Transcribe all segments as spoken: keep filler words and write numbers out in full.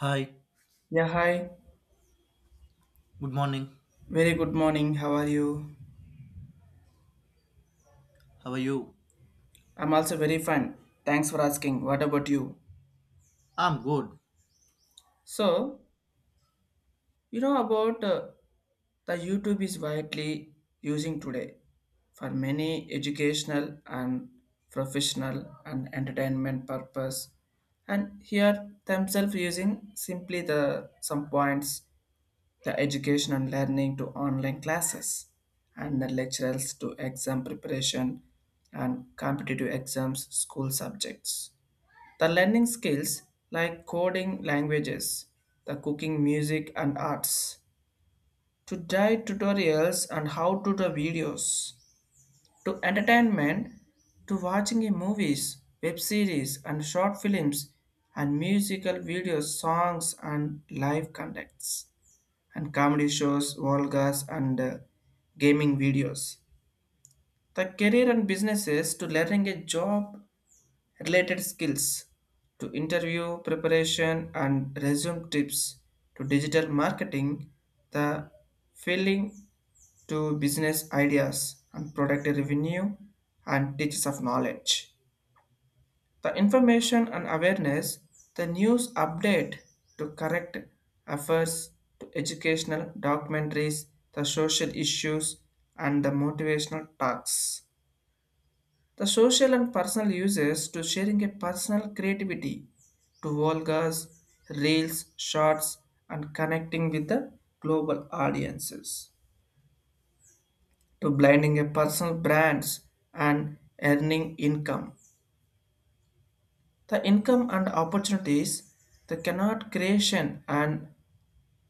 Hi, Yeah, hi. good morning. Very good morning. How are you? How are you? I'm also very fine. Thanks for asking. What about you? I'm good. So, you know about uh, the YouTube is widely using today for many educational and professional and entertainment purpose, and here themselves using simply the some points, the education and learning to online classes, and the lecturers to exam preparation and competitive exams school subjects. The learning skills like coding languages, the cooking, music, and arts, to diet tutorials and how to the videos, to entertainment, to watching a movies, web series, and short films, and musical videos, songs, and live conducts and comedy shows, vlogs, and uh, gaming videos. The career and businesses to learning a job related skills to interview preparation and resume tips to digital marketing, the filling to business ideas and product revenue and teachers of knowledge. The information and awareness, the news update to correct efforts to educational documentaries, the social issues, and the motivational talks. The social and personal uses to sharing a personal creativity to Volgas, reels, shorts, and connecting with the global audiences. To blending a personal brands and earning income. The income and opportunities, the cannot creation and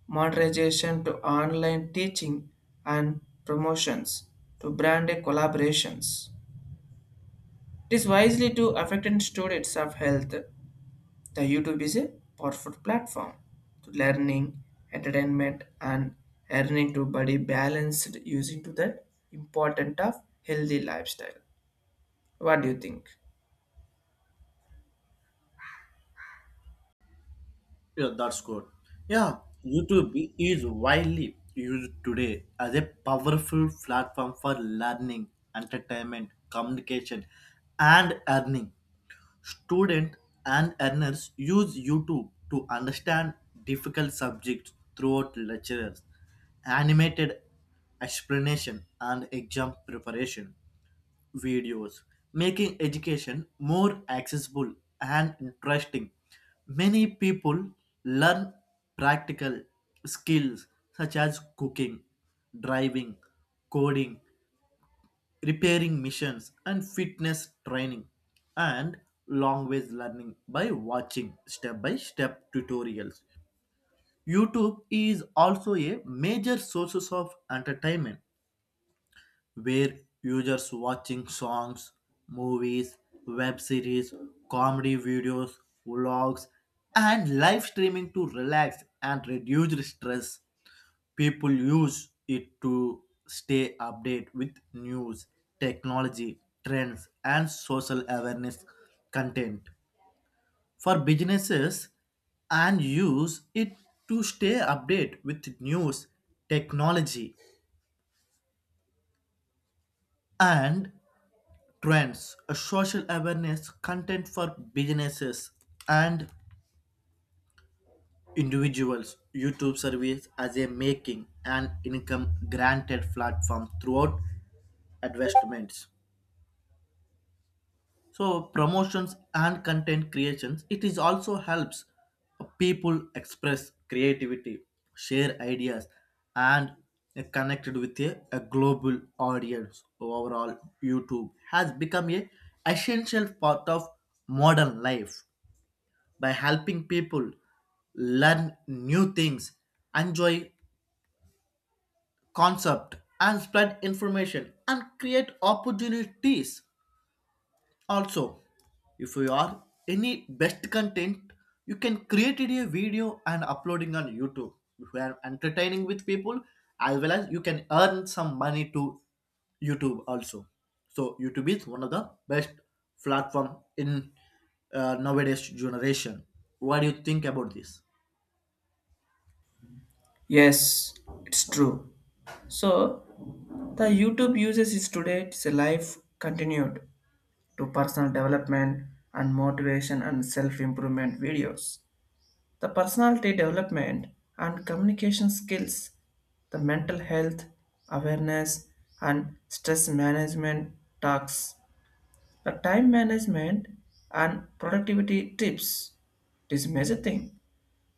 monetization to online teaching and promotions to brand collaborations. It is wisely to affected students of health. The YouTube is a powerful platform to learning, entertainment, and earning to body balanced using to the important of healthy lifestyle. What do you think? Yeah, that's good. Yeah, YouTube is widely used today as a powerful platform for learning, entertainment, communication, and earning. Students and earners use YouTube to understand difficult subjects throughout lectures, animated explanation, and exam preparation. Videos, making education more accessible and interesting. Many people learn practical skills such as cooking, driving, coding, repairing machines, and fitness training, and language learning by watching step by step tutorials. YouTube is also a major source of entertainment where users watching songs, movies, web series, comedy videos, vlogs, and live streaming to relax and reduce stress. People use it to stay updated with news, technology, trends, and social awareness content. For businesses, and use it to stay updated with news, technology, and trends, a social awareness, content for businesses and individuals. YouTube service as a making and income granted platform throughout investments. So promotions and content creations. It is also helps people express creativity, share ideas, and connected with a, a global audience. Overall, YouTube has become a essential part of modern life by helping people learn new things, enjoy concept and spread information and create opportunities. Also, if you are any best content, you can create it a video and uploading on YouTube. If you are entertaining with people, as well as you can earn some money to YouTube also. So YouTube is one of the best platform in uh, nowadays generation. What do you think about this? Yes, it's true. So, the YouTube uses is today it's a life continued to personal development and motivation and self-improvement videos. The personality development and communication skills, the mental health awareness and stress management talks, the time management and productivity tips. It is major thing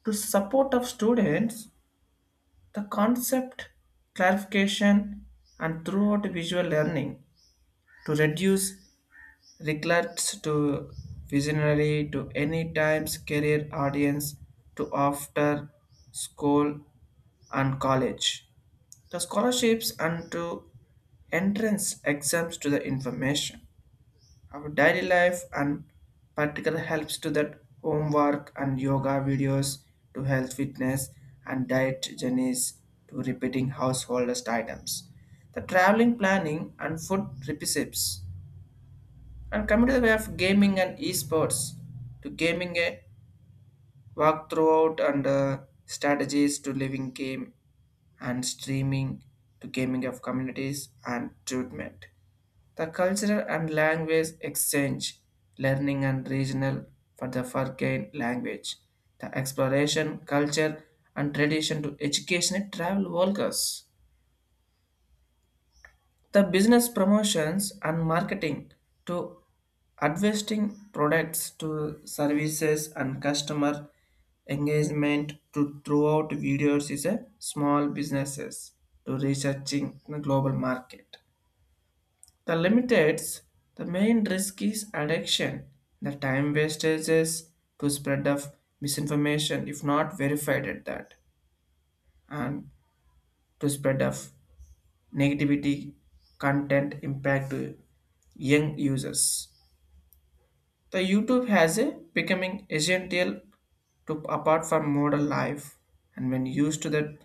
to support of students, the concept clarification and throughout visual learning to reduce regrets to visionary to any times career audience to after school and college. The scholarships and to entrance exams to the information. Our daily life and particular helps to that homework and yoga videos to health fitness and diet journeys to repeating householders items. The traveling planning and food recipes and coming to the way of gaming and esports to gaming a walk throughout and uh, strategies to living game and streaming to gaming of communities and treatment. The cultural and language exchange, learning and regional for the foreign language, the exploration, culture and tradition to educational travel workers. The business promotions and marketing to advertising products to services and customer engagement to throughout videos is a small businesses to researching the global market. The limiteds, the main risk is addiction, the time wastages to spread of misinformation if not verified at that, and to spread of negativity content impact to young users. The YouTube has a becoming essential to apart from modern life and when used to that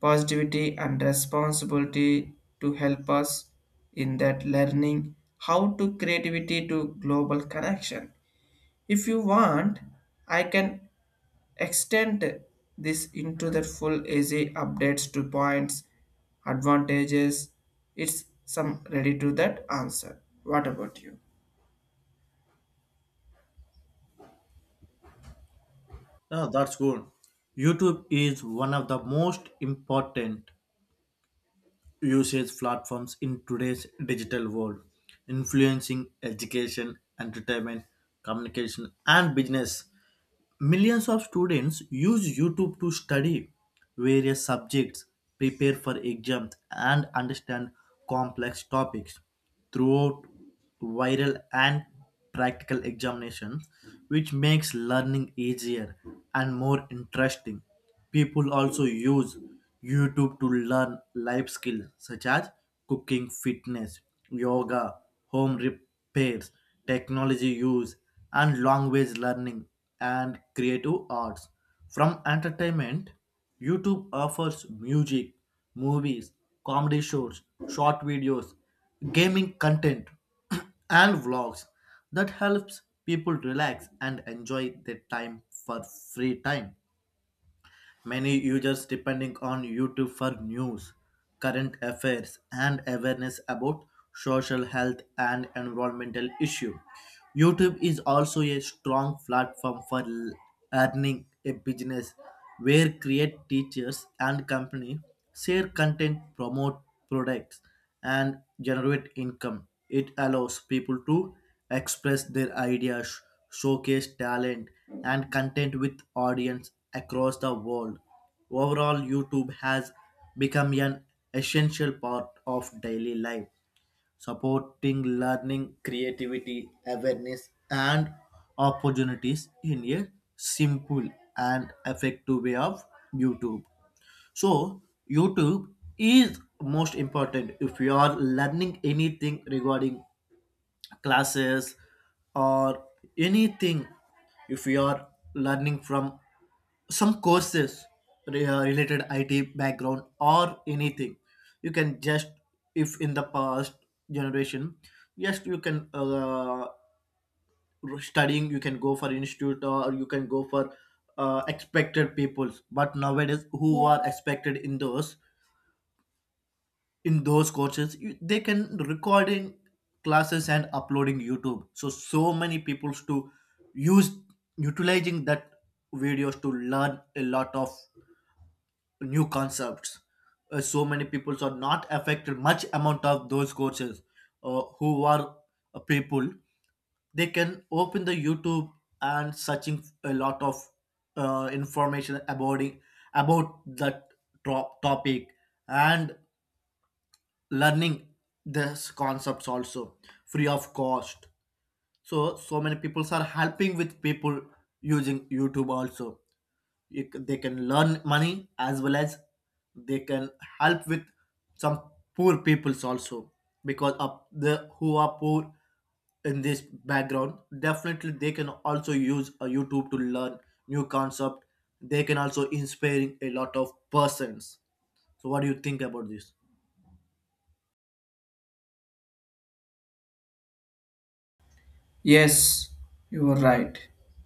positivity and responsibility to help us in that learning how to creativity to global connection. If you want, I can extend this into the full easy updates to points, advantages. It's some ready to that answer. What about you? Yeah, that's good. YouTube is one of the most important usage platforms in today's digital world, influencing education, entertainment, communication, and business. Millions of students use YouTube to study various subjects, prepare for exams, and understand complex topics throughout viral and practical examinations, which makes learning easier and more interesting. People also use YouTube to learn life skills such as cooking, fitness, yoga, home repairs, technology use, and language learning and creative arts. From entertainment, YouTube offers music, movies, comedy shows, short videos, gaming content, and vlogs that helps people relax and enjoy their time for free time. Many users depending on YouTube for news, current affairs, and awareness about social health and environmental issues. YouTube is also a strong platform for l- earning a business where create teachers and company share content, promote products, and generate income. It allows people to express their ideas showcase talent and content with audience across the world. Overall, YouTube has become an essential part of daily life, supporting learning, creativity, awareness, and opportunities in a simple and effective way of YouTube. So, YouTube is most important if you are learning anything regarding classes or anything if you are learning from some courses re- uh, related I T background or anything. You can just, if in the past generation, yes, you can uh, studying, you can go for institute or you can go for uh, expected peoples. But nowadays, who are expected in those? In those courses you, they can recording classes and uploading youtube so so many peoples to use utilizing that videos to learn a lot of new concepts. Uh, so many peoples are not affected much amount of those courses, uh, who are uh, people they can open the youtube and searching a lot of uh, information about it- about that tro- topic and learning this concepts also free of cost, so so many people are helping with people using youtube also. You c- they can learn money as well as they can help with some poor peoples also because of the who are poor in this background definitely they can also use a youtube to learn new concept. They can also inspiring a lot of persons. So what do you think about this? Yes, you are right.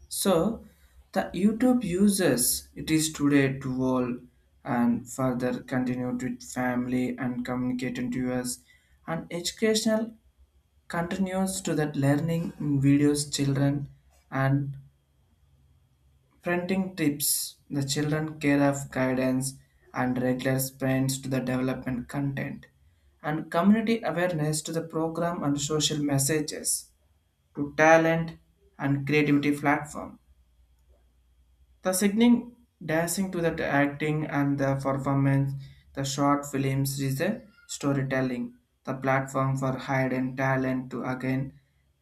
So, the YouTube users it is today to all and further continued with family and communicating to us and educational continues to that learning in videos children and parenting tips, the children care of guidance and regular sprints to the development content and community awareness to the program and social messages to talent and creativity platform, the singing, dancing to the acting and the performance, the short films is a storytelling, the platform for hidden talent to again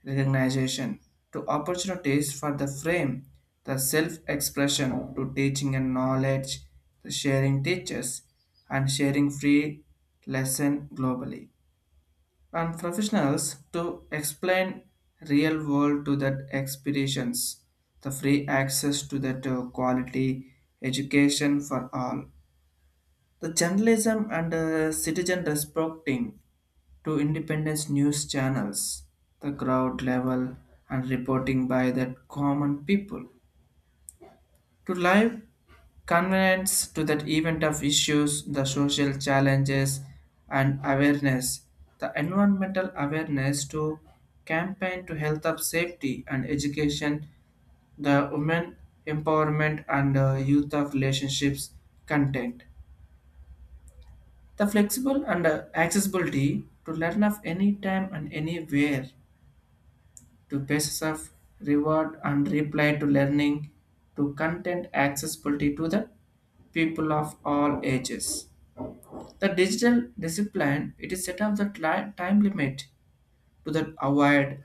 recognition, to opportunities for the frame, the self-expression to teaching and knowledge, the sharing teachers, and sharing free lesson globally and professionals to explain real world to that expeditions, the free access to that uh, quality education for all, the journalism and uh, citizen respecting to independence news channels, the crowd level and reporting by that common people to live convenience to that event of issues, the social challenges and awareness, the environmental awareness to campaign to health of safety and education, the women empowerment and uh, youth of relationships content. The flexible and uh, accessibility to learn of any time and anywhere to basis of reward and reply to learning to content accessibility to the people of all ages. The digital discipline it is set up the tli- time limit to the avoid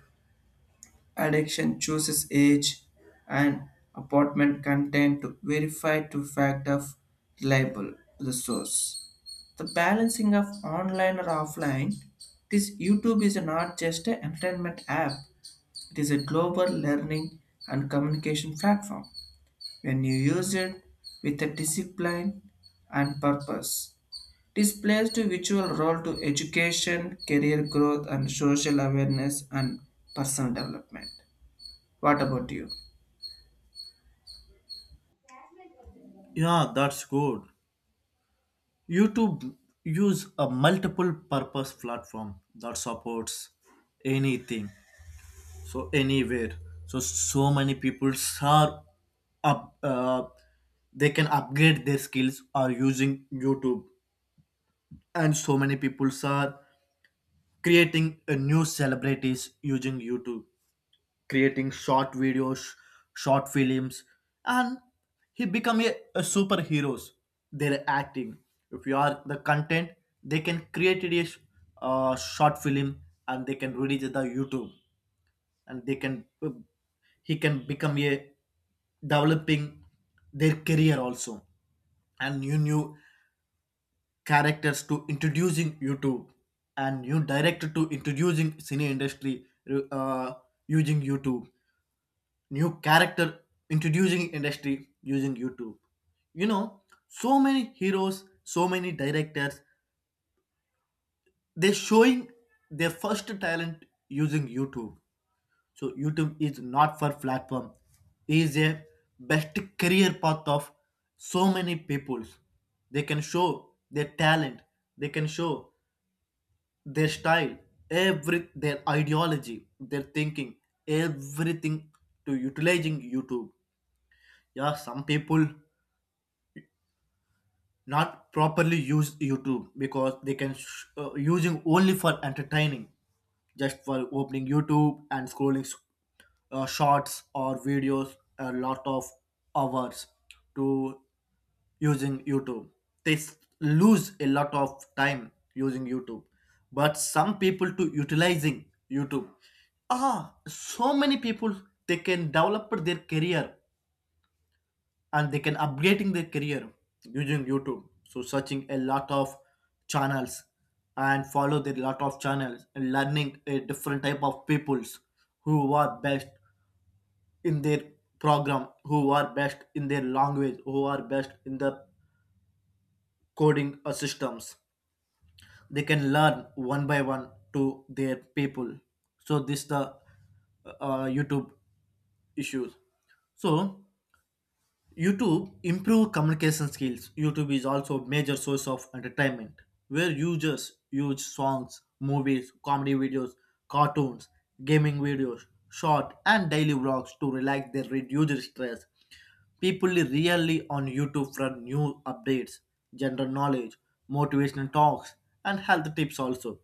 addiction chooses age and apartment content to verify to fact of reliable the source. The balancing of online or offline, this YouTube is not just an entertainment app, it is a global learning and communication platform. When you use it with a discipline and purpose, this plays a virtual role to education, career growth, and social awareness and personal development. What about you? Yeah, that's good. YouTube use a multiple purpose platform that supports anything so anywhere, so so many people are up uh, they can upgrade their skills are using YouTube, and so many people are creating a new celebrities using YouTube creating short videos, short films, and he become a, a superheroes. They're acting. If you are the content, they can create it yes, a sh- uh, short film and they can release it on YouTube and they can he can become a developing their career also and new new characters to introducing YouTube and new director to introducing cine industry uh, using YouTube new character introducing industry using YouTube. You know, so many heroes, so many directors, they're showing their first talent using YouTube. So YouTube is not for platform, is a best career path of so many peoples. They can show their talent, they can show their style, every their ideology, their thinking, everything to utilizing YouTube. Yeah, some people not properly use YouTube because they can sh- uh, using only for entertaining, just for opening YouTube and scrolling s- uh, shorts or videos a lot of hours to using YouTube. They s- lose a lot of time using YouTube, but some people to utilizing YouTube. Ah, so many people they can develop their career and they can upgrading their career using youtube, so searching a lot of channels and follow their lot of channels and learning a different type of peoples who are best in their program, who are best in their language, who are best in the coding uh, systems. They can learn one by one to their people. So this the uh, youtube issues. So YouTube improve communication skills. YouTube is also a major source of entertainment where users use songs, movies, comedy videos, cartoons, gaming videos, short and daily vlogs to relax their reduce stress. People really on YouTube for new updates, general knowledge, motivational talks, and health tips also,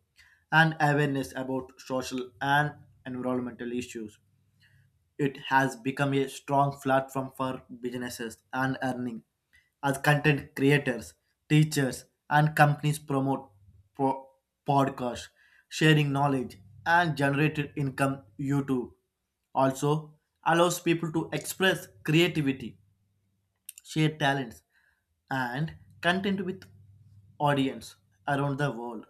and awareness about social and environmental issues. It has become a strong platform for businesses and earning as content creators, teachers, and companies promote pro- podcasts, sharing knowledge, and generated income. YouTube also allows people to express creativity share talents, and content with audience around the world.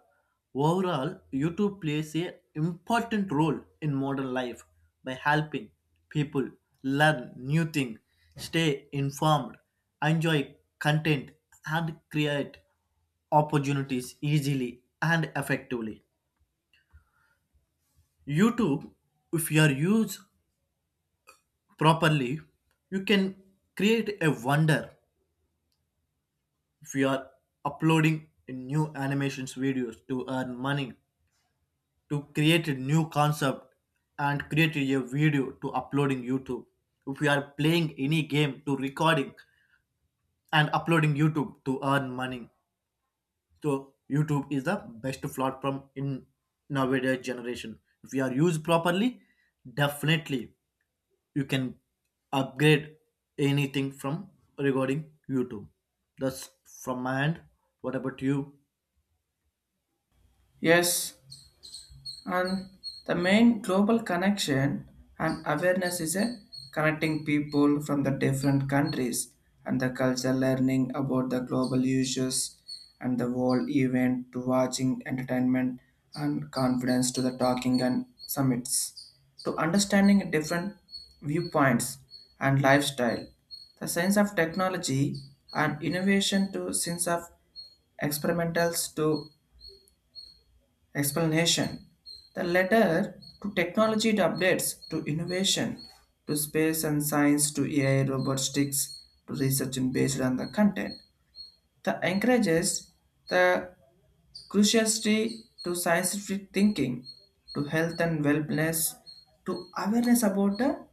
Overall, YouTube plays a important role in modern life by helping people learn new things, stay informed, enjoy content, and create opportunities easily and effectively. YouTube, if you are used properly, you can create a wonder. If you are uploading new animations videos to earn money, to create a new concept and create a video to uploading youtube, if you are playing any game to recording and uploading youtube to earn money, so youtube is the best platform in nowadays generation. If you are used properly, definitely you can upgrade anything from regarding youtube. That's from my end. What about you? Yes. And the main global connection and awareness is a connecting people from the different countries and the culture learning about the global issues and the world event to watching entertainment and confidence to the talking and summits to understanding different viewpoints and lifestyle, the sense of technology and innovation to sense of experimentals to explanation, the letter to technology to updates to innovation to space and science to A I robotics to research and based on the content. The encourages the curiosity to scientific thinking to health and wellness to awareness about the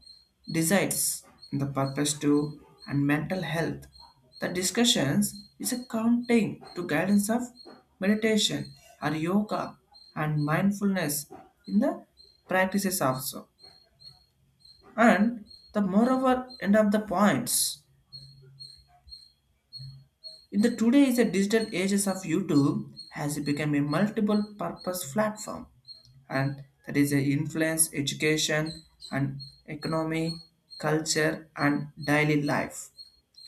desires, the purpose to and mental health the discussions is a counting to guidance of meditation or yoga and mindfulness in the practices also and the moreover end of the points. In the today's digital ages of YouTube has become a multiple purpose platform, and that is a influence education and economy, culture and daily life.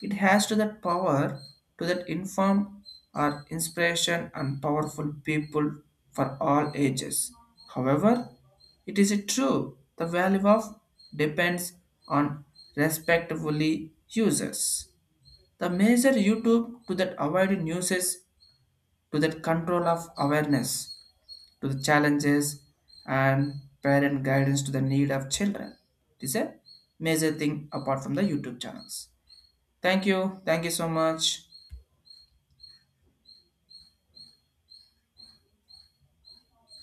It has to that power to that inform or inspiration and powerful people for all ages. However, it is a true the value of depends on respectively users. The major YouTube to that avoid uses to that control of awareness to the challenges and parent guidance to the need of children. It is a major thing apart from the YouTube channels. Thank you. Thank you so much.